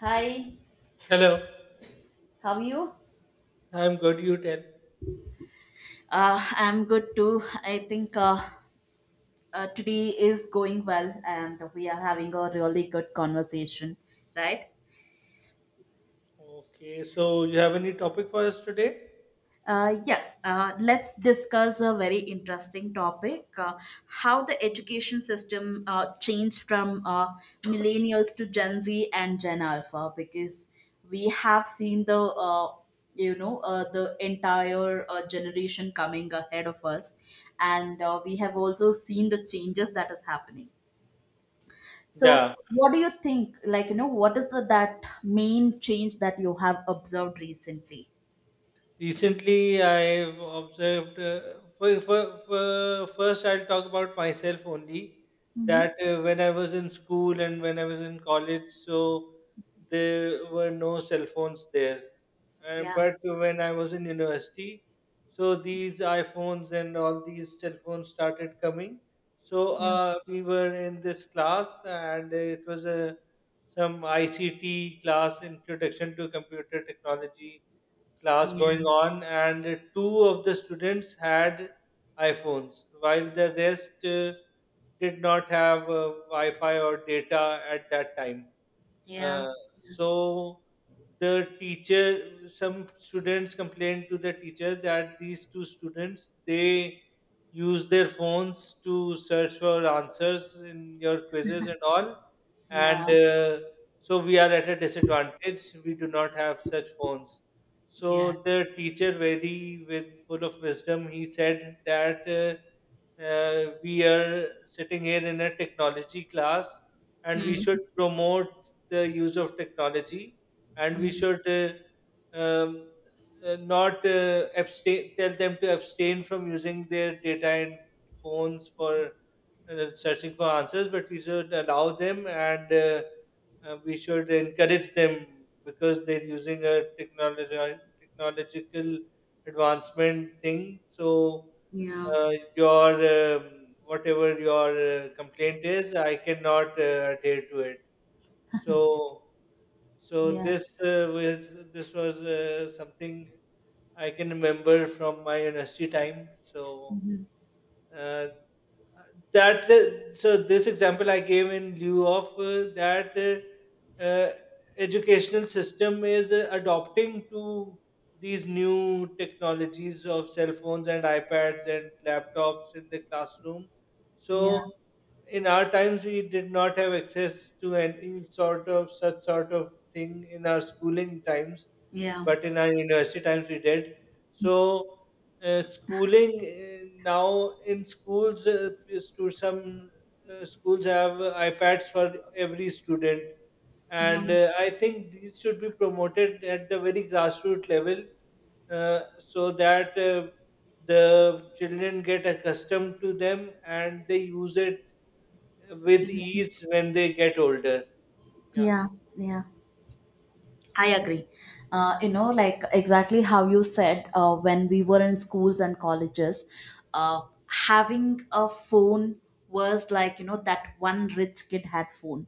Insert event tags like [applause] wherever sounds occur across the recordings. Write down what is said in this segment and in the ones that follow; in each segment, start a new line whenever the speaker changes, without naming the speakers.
Hi,
Hello,
how are you?
I'm good. You tell.
I'm good too. I think today is going well and we are having a really good conversation, right?
Okay, so you have any topic for us today?
Yes, let's discuss a very interesting topic, how the education system changed from, millennials to Gen Z and Gen Alpha, because we have seen the, the entire generation coming ahead of us, and we have also seen the changes that is happening. So
Yeah,
what do you think, like you know, what is the that main change that you have observed recently?
recently, I've observed. First, I'll talk about myself only.
Hmm.
That When I was in school and when I was in college, so there were no cell phones there.
Yeah,
But when I was in university, so these iPhones and all these cell phones started coming. So
yeah,
we were in this class, and it was a some ICT class, Introduction to Computer Technology class going
yeah.
on, and two of the students had iPhones, while the rest did not have Wi Fi or data at that time.
Yeah.
Uh, so the teacher, some students complained to the teacher that these two students they use their phones to search for answers in your quizzes and all, and
Yeah.
so we are at a disadvantage. We do not have such phones.
Yeah.
So the teacher, very with full of wisdom, he said that we are sitting here in a technology class and we
Hmm.
should promote the use of technology, and we
Mm.
should um, not abstain. Tell them to abstain from using their data and phones for searching for answers, but we should allow them and we should encourage them because they're using a technology technological advancement thing. So
Yeah.
your whatever your complaint is, I cannot adhere to it. So, so
Yeah.
this was something I can remember from my university time. So
Mhm.
uh, uh, that so this example I gave in lieu of that educational system is adopting to these new technologies of cell phones and iPads and laptops in the classroom.
Yeah.
So in our times we did not have access to any sort of such sort of thing in our schooling times,
Yeah.
but in our university times we did. So schooling, now in schools to some schools have iPads for every student,
Yeah.
and I think these should be promoted at the very grassroots level, so that the children get accustomed to them and they use it with ease when they get older. Yeah,
Yeah. Yeah, I agree. You know, like, exactly how you said, when we were in schools and colleges, uh, having a phone was, like, you know, that one rich kid had phone,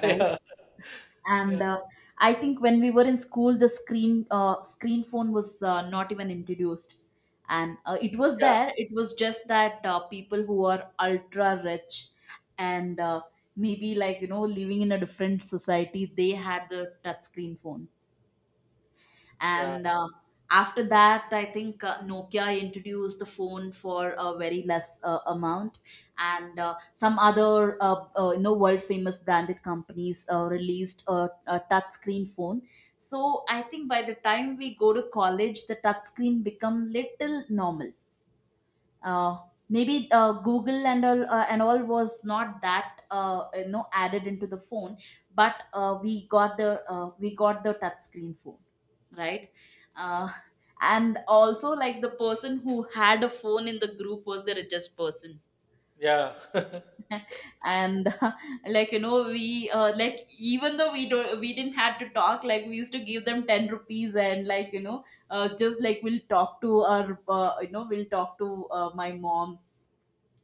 right?
[laughs] yeah,
And I think when we were in school, the screen, screen phone was not even introduced, and it was
yeah,
there, it was just that people who are ultra rich and maybe, like, you know, living in a different society, they had the touch screen phone.
yeah,
And after that, I think Nokia introduced the phone for a very less amount. And some other, you know, world famous branded companies released a touch screen phone. So I think by the time we go to college, the touch screen become little normal. Uh, maybe uh, Google and all, and all was not that, you know, added into the phone. But we got the, we got the touch screen phone, right? uh, and also, like, the person who had a phone in the group was the richest person.
yeah, yeah,
And [laughs] like, you know, we like, even though we didn't have to talk, like, we used to give them 10 rupees and, like, you know, just like, we'll talk to our, you know, we'll talk to, my mom.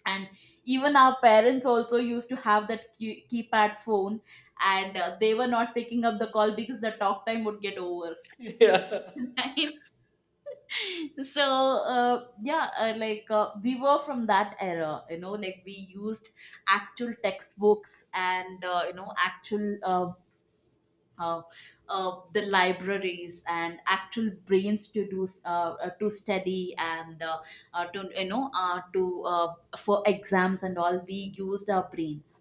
And even our parents also used to have that keypad phone, and they were not picking up the call because the talk time would get over.
[laughs] yeah,
[laughs] [laughs] So, yeah, we were from that era, you know, like, we used actual textbooks and, you know, actual, uh, the libraries and actual brains to do to study, and to you know to for exams and all, we used our brains.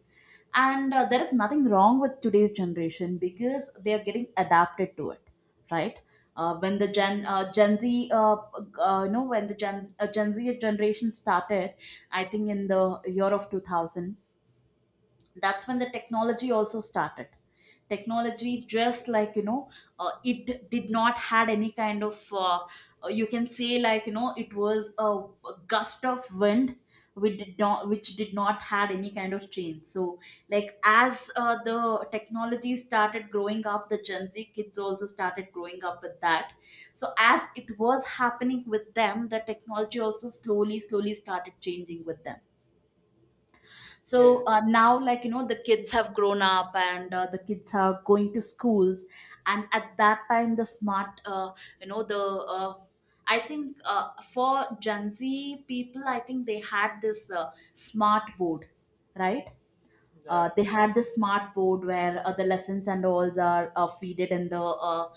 And there is nothing wrong with today's generation because they are getting adapted to it, right? Uh, when the gen gen z You know, when the Gen Z generation started, I think in the year of 2000, that's when the technology also started. Technology, just like, you know, it did not had any kind of, you can say, like, you know, it was a gust of wind which did not had any kind of change. So like, as the technology started growing up, the Gen Z kids also started growing up with that. So as it was happening with them, the technology also slowly slowly started changing with them.
yeah,
So now, like, you know, the kids have grown up, and the kids are going to schools. And at that time, the smart you know, the I think, for Gen Z people, I think they had this smart board, right?
yeah,
They had the smart board where the lessons and alls are feeded in the, uh,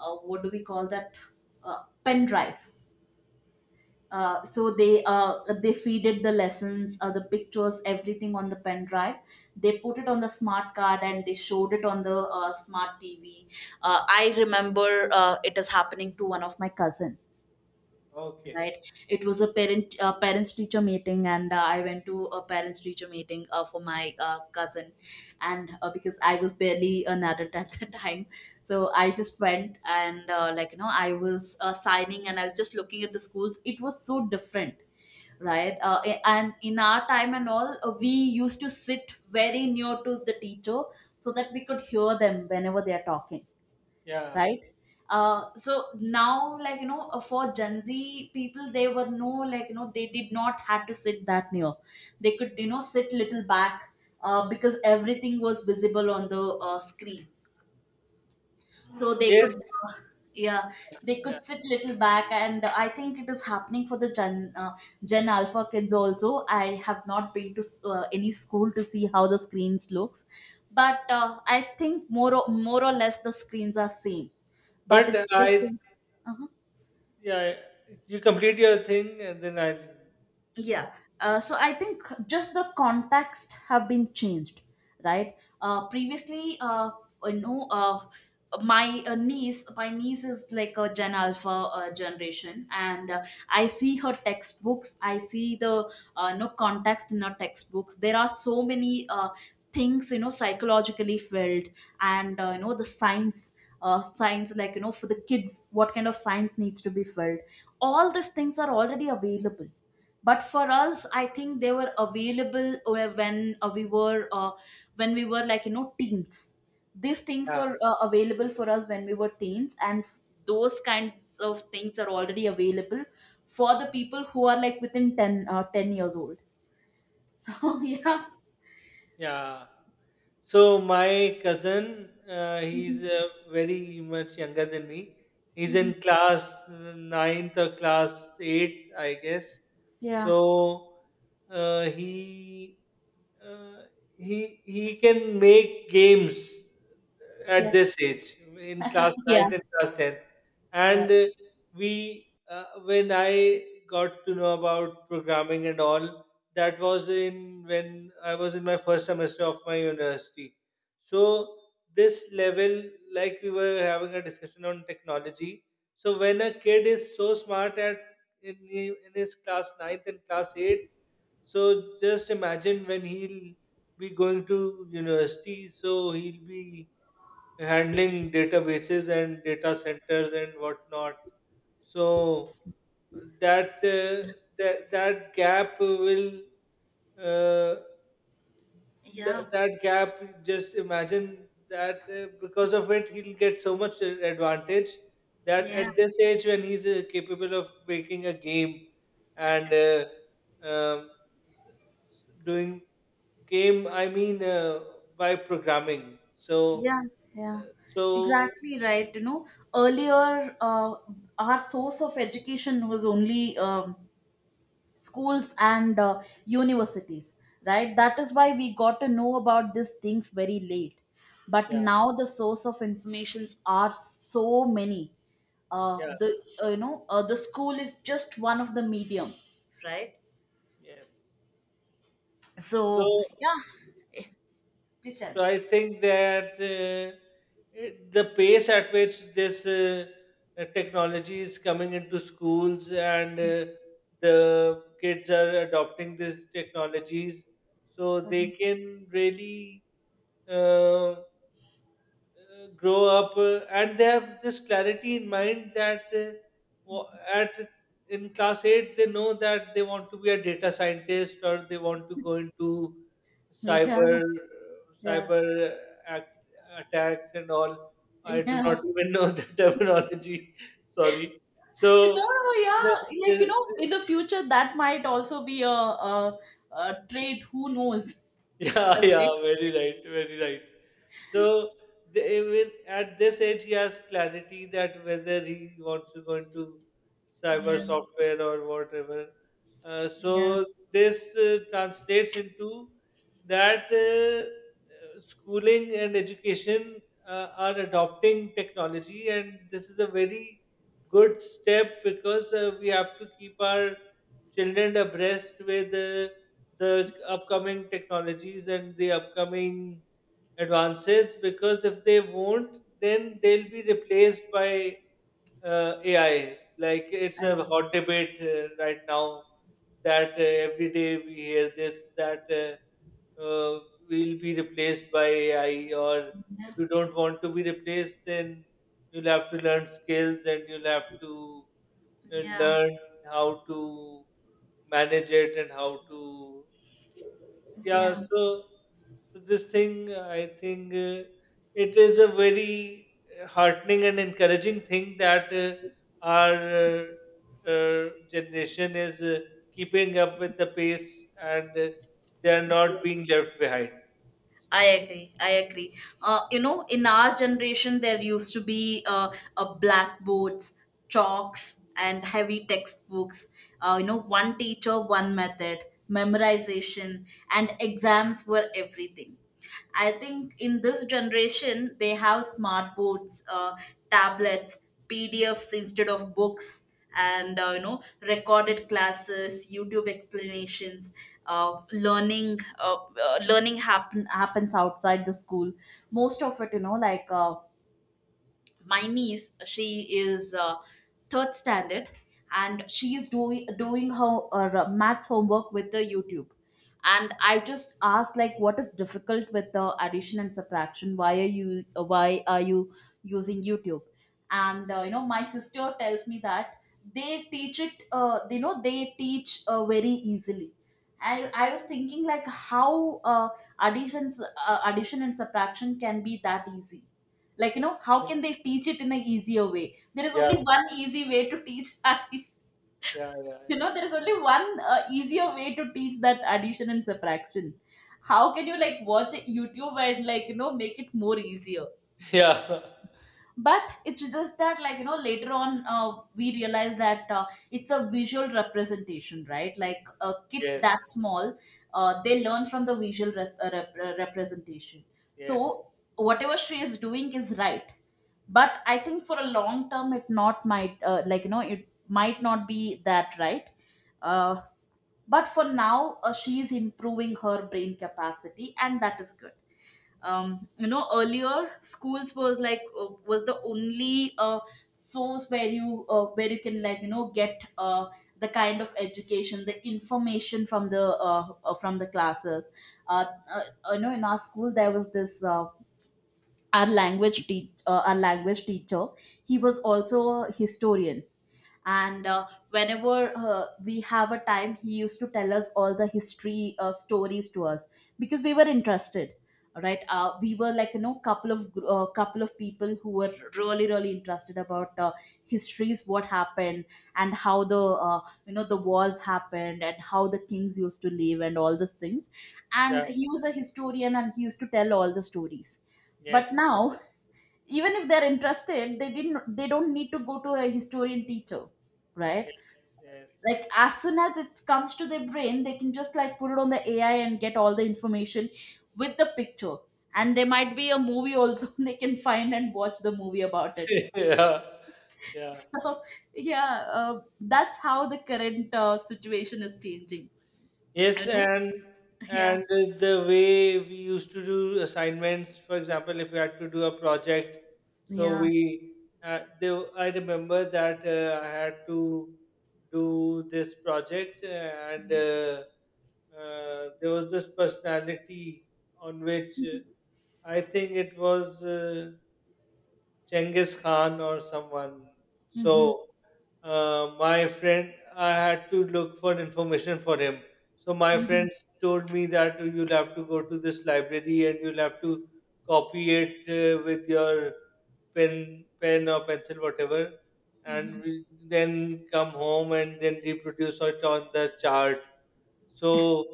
uh, what do we call that, pen drive. So they feeded the lessons, the pictures, everything on the pen drive. They put it on the smart card and they showed it on the smart TV. I remember it is happening to one of my cousin.
okay.
Right, it was a parents teacher meeting, and I went to a parents teacher meeting for my cousin. And because I was barely an adult [laughs] at the time. So I just went and, like, you know, I was signing, and I was just looking at the schools. It was so different, right? And in our time and all, we used to sit very near to the teacher so that we could hear them whenever they are talking,
Yeah.
right? So now, like, you know, for Gen Z people, they were no, like, you know, they did not had to sit that near. They could, you know, sit little back, because everything was visible on the screen. So they
Yes.
could, uh, yeah, they
Yeah.
could sit little back. And I think it is happening for the Gen Alpha kids also. I have not been to any school to see how the screens looks, but I think more or less the screens are same. But
But
it's just
I,
the, uh
yeah, you complete your thing and then I'll start.
yeah. So I think just the context have been changed, right? Uh, previously uh, you know uh, my niece is like a Gen Alpha generation, and I see her textbooks, I see the, no context in her textbooks. There are so many things, you know, psychologically filled. And you know, the science, like, you know, for the kids, what kind of science needs to be filled, all these things are already available. But for us, I think they were available when we were, like, you know, teens. These things were available for us when we were teens. And those kinds of things are already available for the people who are like within 10 years old. [laughs] So yeah.
Yeah. Yeah. So my cousin, he's
Mhm.
very much younger than me. He's
Mhm.
in class ninth or class eight, I guess.
Yeah.
So uh, he uh, he can make games at this
Yes.
age, in class
Yeah.
ninth and class tenth.
Yeah.
And when I got to know about programming and all, that was in when I was in my first semester of my university. So this level, like we were having a discussion on technology. So when a kid is so smart at in, in his class ninth and class eight, so just imagine when he'll be going to university. So he'll be handling databases and data centers and whatnot. So that uh, that that gap will uh,
Yeah.
that that gap. Just imagine that because of it, he'll get so much advantage that
Yeah.
at this age, when he's capable of making a game and um, doing game, I mean by programming. So
Yeah, yeah,
uh, so
exactly right. You know, earlier, our source of education was only schools and, universities, right? That is why we got to know about these things very late. But
yeah,
now the source of informations are so many.
yeah,
The you know The school is just one of the medium, right?
yes. So
So yeah. Eh, please tell
so I think that it, the pace at which this technology is coming into schools and the kids are adopting these technologies, so they can really. uh, Grow up and they have this clarity in mind that wa- at in class 8 they know that they want to be a data scientist or they want to go into
me. Yeah,
cyber
yeah,
cyber act, attacks and all.
[laughs]
I do
yeah.
not [laughs] even know the [laughs] terminology, sorry. So
No,
the,
yeah, like, you
the,
know, in the future, that might also be a trait. Who knows?
yeah, [laughs] yeah,
Okay.
very right, very right. So the, even at this age, he has clarity that whether he wants to go into cyber
Yeah,
software or whatever.
yeah.
So this translates into that schooling and education are adopting technology, and this is a very good step because we have to keep our children abreast with. The upcoming technologies and the upcoming advances, because if they won't then they'll be replaced by AI. Like, it's a
Um,
hot debate right now, that every day we hear this that uh, we'll be replaced by AI, or
yeah,
if you don't want to be replaced then you'll have to learn skills and you'll have to
yeah,
learn how to manage it and how to, yeah.
yeah.
So so this thing I think it is a very heartening and encouraging thing that our uh, uh, generation is keeping up with the pace and they are
Yeah.
not being left behind.
I agree, I agree. You know, in our generation, there used to be, blackboards, chalks, and heavy textbooks. You know, one teacher, one method, memorization, and exams were everything. I think in this generation, they have smart boards, tablets, PDFs instead of books, and you know, recorded classes, YouTube explanations. Learning happens outside the school. Most of it, you know, like, my niece, she is third standard, and she is doing her math homework with the YouTube. And I just asked, like, what is difficult with the addition and subtraction, why are you, why are you using YouTube? And you know, my sister tells me that they teach it, you know, they teach very easily. I was thinking, like, how, additions addition and subtraction can be that easy. Like, you know, how can they teach it in an easier way? There is
Yeah,
only one easy way to teach [laughs]
yeah, yeah,
you know, there is only one easier way to teach that addition and subtraction. How can you, like, watch a YouTube and, like, you know, make it more easier?
yeah, [laughs] yeah.
But it's just that, like, you know, later on, we realize that it's a visual representation, right? Like, kids
Yes,
that small, they learn from the visual representation.
yes,
So whatever she is doing is right, but I think for a long term it not might, like, you know, it might not be that right. uh, but for now, she is improving her brain capacity, and that is good. Um, you know, earlier schools was, was the only source where you, where you can, like, you know, get the kind of education, the information, from the, from the classes. uh, uh, you know, in our school, there was this our our language teacher, he was also a historian. And whenever we have a time, he used to tell us all the history stories to us, because we were interested, right? We were, like, you know, couple of couple of people who were really really interested about, histories, what happened and how the, uh, you know, the wars happened, and how the kings used to live, and all these things.
yeah,
And he was a historian and he used to tell all the stories. But
yes,
now, even if they're interested, they don't need to go to a historian teacher, right?
yes, yes,
Like, as soon as it comes to their brain, they can just like put it on the AI and get all the information with the picture. And there might be a movie also [laughs] they can find and watch the movie about it.
[laughs] yeah,
[laughs]
yeah.
So, yeah, that's how the current situation is changing.
Yes,
I know.
and
Yeah,
the way we used to do assignments, for example, if we had to do a project, so
yeah.
I remember that I had to do this project, and there was this personality on which
Mm-hmm.
I think it was. Genghis Khan or someone.
Mm-hmm.
So my friend, I had to look for information for him. So my
Mm-hmm.
friends told me that you'll have to go to this library and you'll have to copy it with your pen or pencil, whatever, and then come home and then reproduce it on the chart. So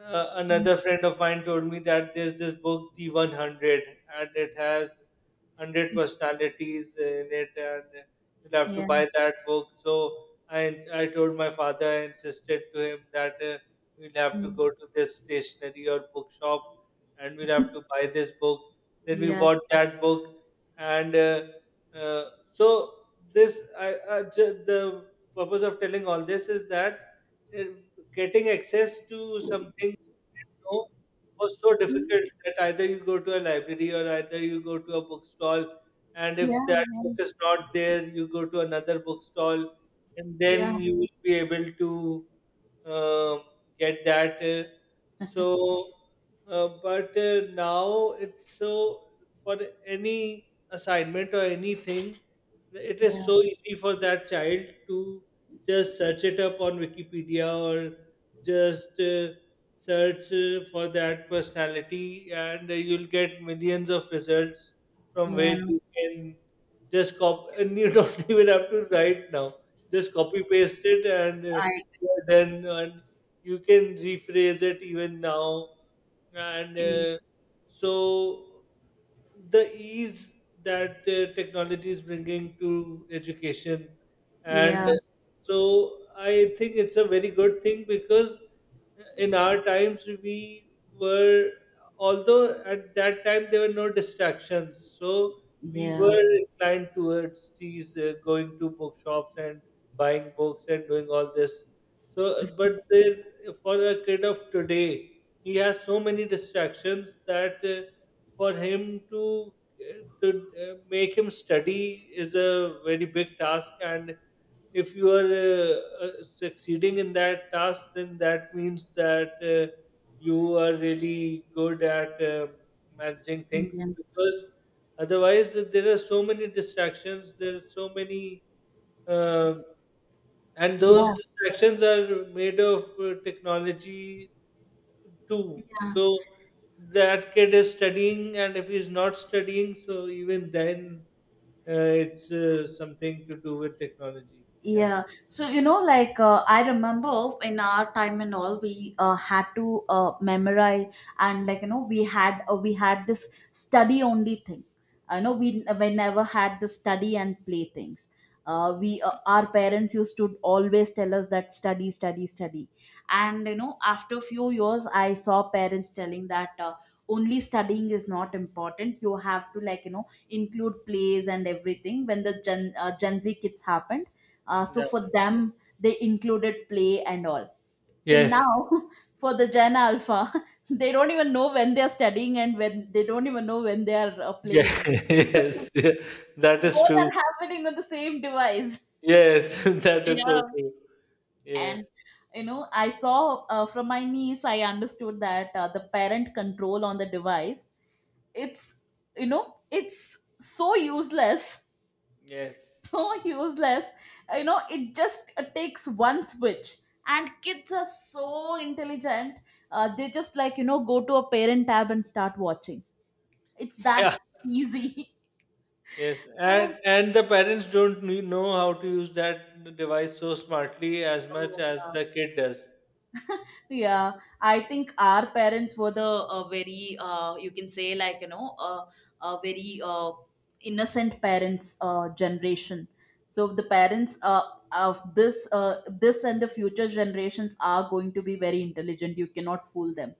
Mm-hmm.
another friend of mine told me that there's this book, The 100, and it has hundred personalities in it, and you'll have to
Yeah. Mm.
buy
Yeah.
that book. So I I told my father, I insisted to him that we'll have to
Mm-hmm.
go to this stationery or bookshop, and we'll have to buy this book. Then we
Yeah,
bought that book, and uh, so this I the purpose of telling all this is that uh, getting access to something, know, was so difficult that either you go to a library or either you go to a bookstall, and if
yeah,
that book is not there, you go to another bookstall, and
yeah.
then you will be able to um get that. So, but Now it's so, for any assignment or anything, it is
Yeah,
so easy for that child to just search it up on Wikipedia or just search for that personality and you'll get millions of results from
yeah,
where you can just copy and you [laughs] don't even have to write now, just copy paste it and
I,
you're done, and you can rephrase it even now and
yeah,
so the ease that technology is bringing to education and
yeah,
so I think it's a very good thing because in our times we were, although at that time there were no distractions, so we
yeah,
were inclined towards these going to bookshops and buying books and doing all this. So, but there, for a kid of today, he has so many distractions that for him to make him study is a very big task, and if you are succeeding in that task then that means that you are really good at managing things, because otherwise there are so many distractions, there are so many uh, and those
yeah,
distractions are made of technology too.
yeah.
So that kid is studying, and if he's not studying so even then uh, it's something to do with technology. Yeah,
Yeah. So, you know, like, I remember in our time and all, we had to memorize. And like, you know, we had this study only thing. I know we never had the study and play things. We Our parents used to always tell us that study, study, study. And, you know, after a few years, I saw parents telling that only studying is not important. You have to, like, you know, include plays and everything when the Gen Z kids happened. So
yeah,
for them, they included play and all. So
yes.
now [laughs] for the Gen Alpha, [laughs] they don't even know when they are studying and when they don't even know when they are
Yeah, [laughs]
playing. [laughs]
yes, yeah, that is
Both
true.
are happening on the same device.
Yes, [laughs] that is so
Yeah.
true. Yes,
And you know, I saw from my niece, I understood that the parent control on the device, it's it's so useless, so
yes,
[laughs] useless. You know, it just takes one switch. And kids are so intelligent. They just like, you know, go to a parent tab and start watching. It's that
yeah,
easy. [laughs]
yes,
Uh,
and the parents don't know how to use that device so smartly as much
Oh,
as
yeah.
the kid does.
Yeah, I think our parents were the very, you can say, like, very innocent parents generation. So the parents of this and the future generations are going to be very intelligent. You cannot fool them.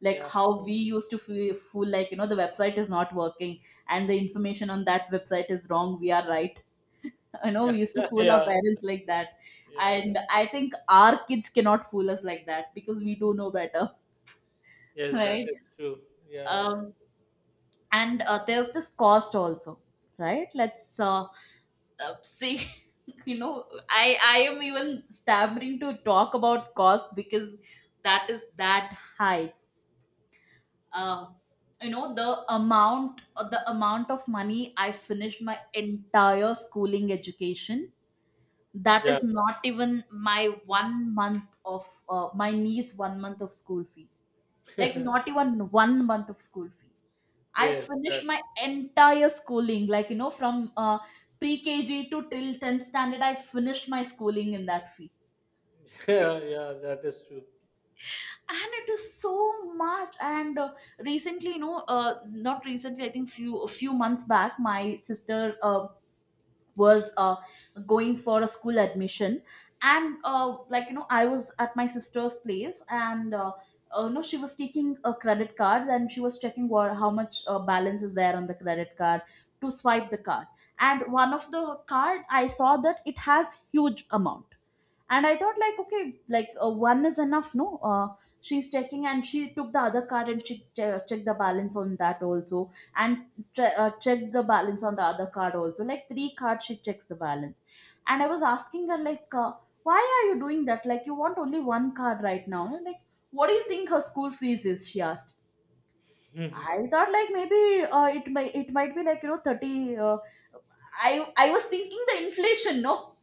Like
Yeah,
how we used to fool, like, the website is not working and the information on that website is wrong. We are right. I know
yeah,
we used to
[laughs]
fool our
yeah,
parents like that.
yeah, yeah.
And I think our kids cannot fool us like that because we do know better, [laughs]
Yes, that
right?
is true. Yeah,
Um, and there's this cost also, right? Let's see. [laughs] You know, I am even stammering to talk about cost because that is that high. Uh, you know, amount the amount of money I finished my entire schooling education, that
yeah,
is not even my one month of my niece one month of school fee. Like, not even one month of school fee, I
yes,
finished
that,
my entire schooling, like, you know, from pre-kg to till 10th standard. I finished my schooling in that fee.
[laughs] yeah, yeah, that is true.
And it is so much. And recently, you know, not recently, I think few a few months back, my sister was going for a school admission. And like, you know, I was at my sister's place. And no, she was taking a credit cards, and she was checking what, how much balance is there on the credit card to swipe the card. And one of the card I saw that it has huge amount. And I thought like, okay, like, one is enough, no? She's checking, and she took the other card and she checked the balance on that also. And checked the balance on the other card also. Like three cards, she checks the balance. And I was asking her like, why are you doing that? Like, you want only one card right now. And like, what do you think her school fees is, she asked.
[laughs]
I thought like maybe it might be like, you know, 30, I was thinking the inflation, no,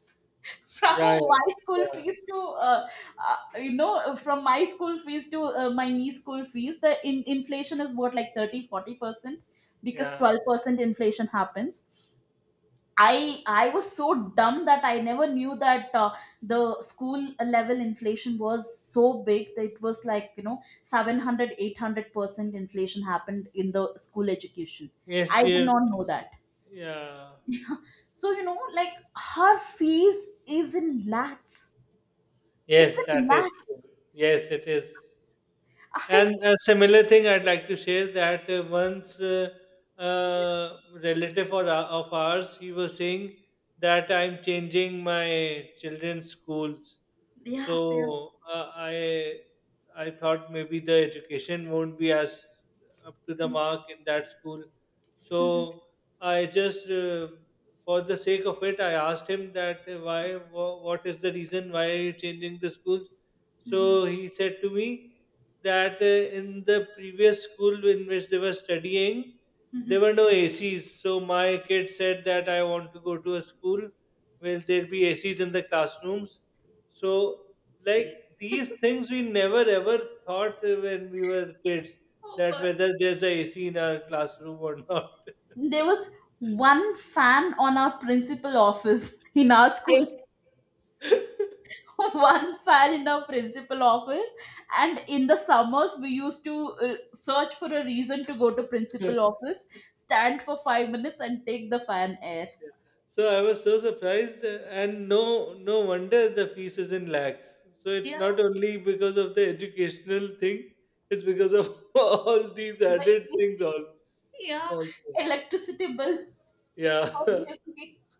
yeah, yeah,
from my school
yeah,
fees to you know, from my school fees to my niece school fees, the inflation is what, like, 30-40%, because
yeah.
12% inflation happens. I i was so dumb that I never knew that the school level inflation was so big that it was like, you know, seven hundred eight hundred percent inflation happened in the school education.
Yes,
I did
you,
not know that.
yeah.
So, you know, like, her fees is in lakhs. It's
Yes,
in
that is
lakhs.
true. Yes, it is. And
I
a similar thing I'd like to share that once uh, relative or, of ours, he was saying that I'm changing my children's schools.
Yeah, yeah.
So I thought maybe the education won't be as up to the
Mhm.
mark in that school. So I just for the sake of it, I asked him that what is the reason why are you changing the schools?
Mhm.
So he said to me that in the previous school in which they were studying, there were no ACs. So my kid said that I want to go to a school where there'll be ACs in the classrooms. So, like, these things, we never ever thought when we were kids,
Oh
that
god.
whether there's a AC in our classroom or not.
There was one fan on our principal office in our school.
[laughs]
[laughs] One fan in our principal office, and in the summers we used to search for a reason to go to principal office, stand for 5 minutes, and take the fan air.
So I was so surprised, and no, no wonder the fees is in lakhs. So it's
Yeah.
not only because of the educational thing; it's because of [laughs] all these
But
added things. All,
yeah,
also,
electricity bill.
yeah, [laughs]
Obviously. [laughs]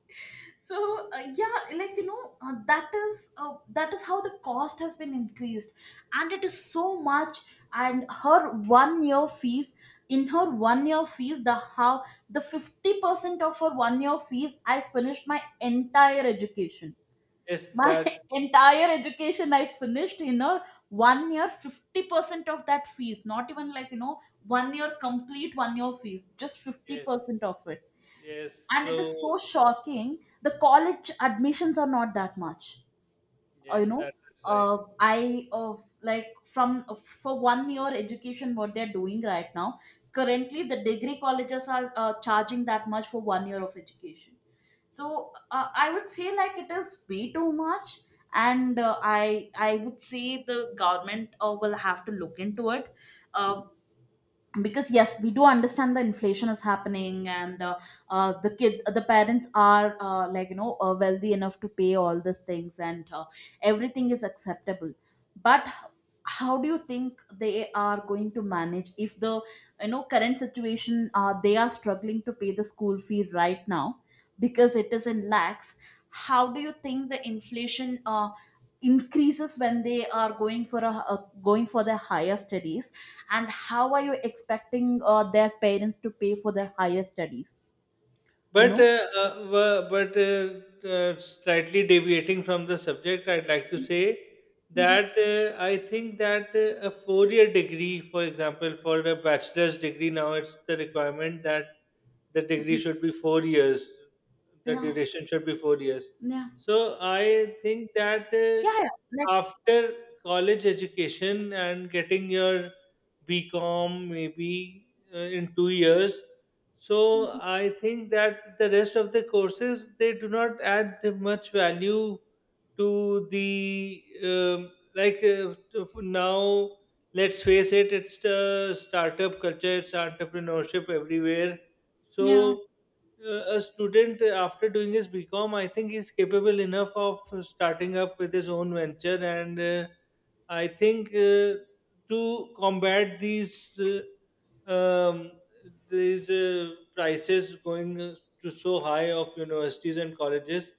So, yeah, like, you know, that is how the cost has been increased, and it is so much. And her one year fees, in her one year fees, the 50% of her one year fees, I finished my entire education.
yes,
My
that,
[laughs] entire education I finished in her one year, 50% of that fees. Not even, like, you know, one year fees, just 50%
yes,
of it.
yes.
And it
So
is so shocking, the college admissions are not that much. You
yes,
know,
that is right.
I like from for one year education what they're doing right now, currently, the degree colleges are charging that much for one year of education. So I would say, like, it is way too much. And I would say the government will have to look into it. Um, because yes, we do understand the inflation is happening. And the parents are like, you know, wealthy enough to pay all these things, and everything is acceptable. But how do you think they are going to manage if the, you know, current situation, they are struggling to pay the school fee right now because it is in lakhs. How do you think the inflation increases when they are going for a going for their higher studies? And how are you expecting their parents to pay for their higher studies, you
But
know?
slightly deviating from the subject, I'd like to say
Mhm.
that I think that a four-year degree, for example, for a bachelor's degree, now it's the requirement that the degree
Mhm.
should be 4 years. The
Yeah.
duration should be 4 years.
Yeah.
So I think that
Yeah, yeah, like.
after college education and getting your BCom maybe in 2 years, so
Mhm.
I think that the rest of the courses they do not add much value to the now. Let's face it, it's the startup culture, it's entrepreneurship everywhere.
Yeah.
So a student after doing his BCom, I think he's capable enough of starting up with his own venture, and I think to combat these. Uh, um, these prices going to so high of universities and colleges,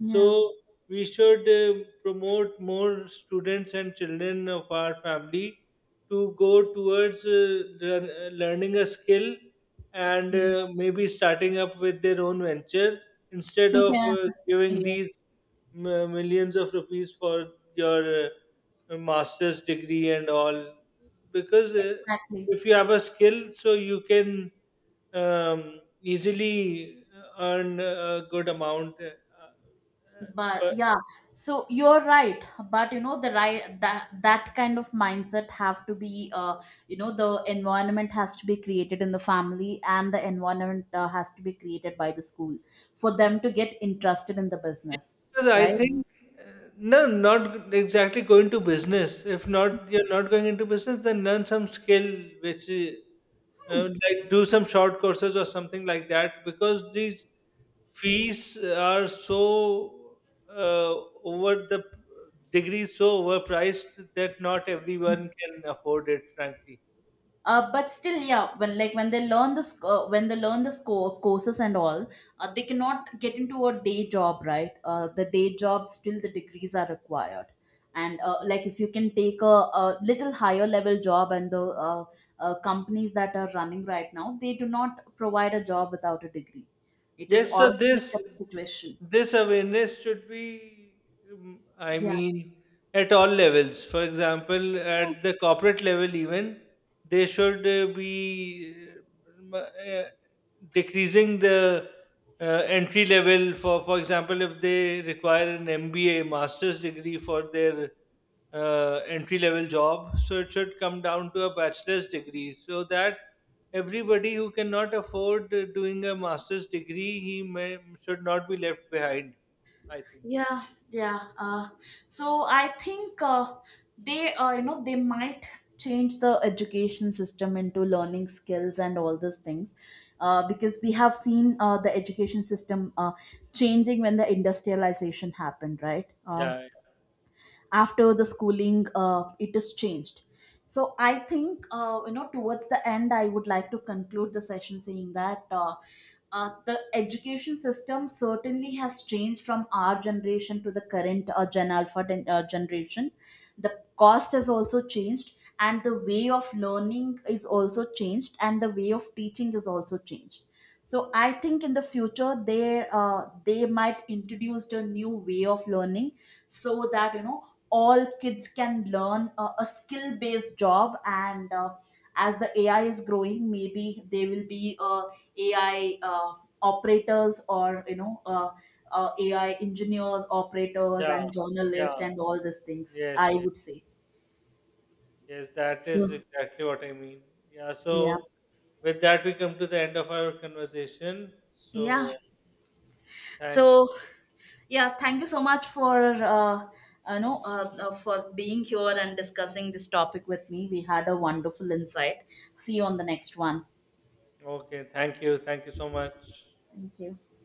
Yeah.
so we should promote more students and children of our family to go towards learning a skill and maybe starting up with their own venture, instead of
Yeah.
giving
Yeah.
these millions of rupees for your master's degree and all, because
Exactly.
if you have a skill so you can easily earn a good amount uh,
But
But
yeah. So, you're right. But, you know, the right, that kind of mindset have to be you know, the environment has to be created in the family. And the environment has to be created by the school for them to get interested in the business,
because I
right?
think uh, no, not exactly going to business. If not, you're not going into business, then learn some skill, which like do some short courses or something like that. Because these fees are so uh, over the degree so overpriced that not everyone can afford it. Frankly.
But still, yeah, when, when they learn the courses and all, they cannot get into a day job, right? The day job, still the degrees are required. And like, if you can take a little higher level job. And the companies that are running right now they do not provide a job without a degree. It is
Yes, so
already a current situation.
this awareness should be, I
Yeah,
mean, at all levels. For example, at the corporate level, even they should be uh, uh, decreasing the uh, entry level for example, if they require an MBA, master's degree for their entry level job. So it should come down to a bachelor's degree so that everybody who cannot afford doing a master's degree, he may, should not be left behind, I think.
yeah, yeah. So I think they you know, they might change the education system into learning skills and all these things. Because we have seen the education system changing when the industrialization happened, right?
Yeah,
After the schooling, it is changed. So I think, you know, towards the end I would like to conclude the session saying that the education system certainly has changed from our generation to the current Gen Alpha generation. The cost has also changed, and the way of learning is also changed, and the way of teaching is also changed. So I think in the future they might introduce a new way of learning so that you know all kids can learn a skill based job. And as the AI is growing, maybe they will be AI operators, or you know, AI engineers, operators
yeah,
and journalists,
yeah.
and all these things,
Yes,
I
yes,
would say.
yes, that is
So
exactly what I mean. Yeah,
yeah,
so with that, we come to the end of our conversation.
yeah.
So thank,
So yeah, thank you so much for uh, you know, for being here and discussing this topic with me. We had a wonderful insight. See you on the next one.
okay, thank you so much.
Thank you.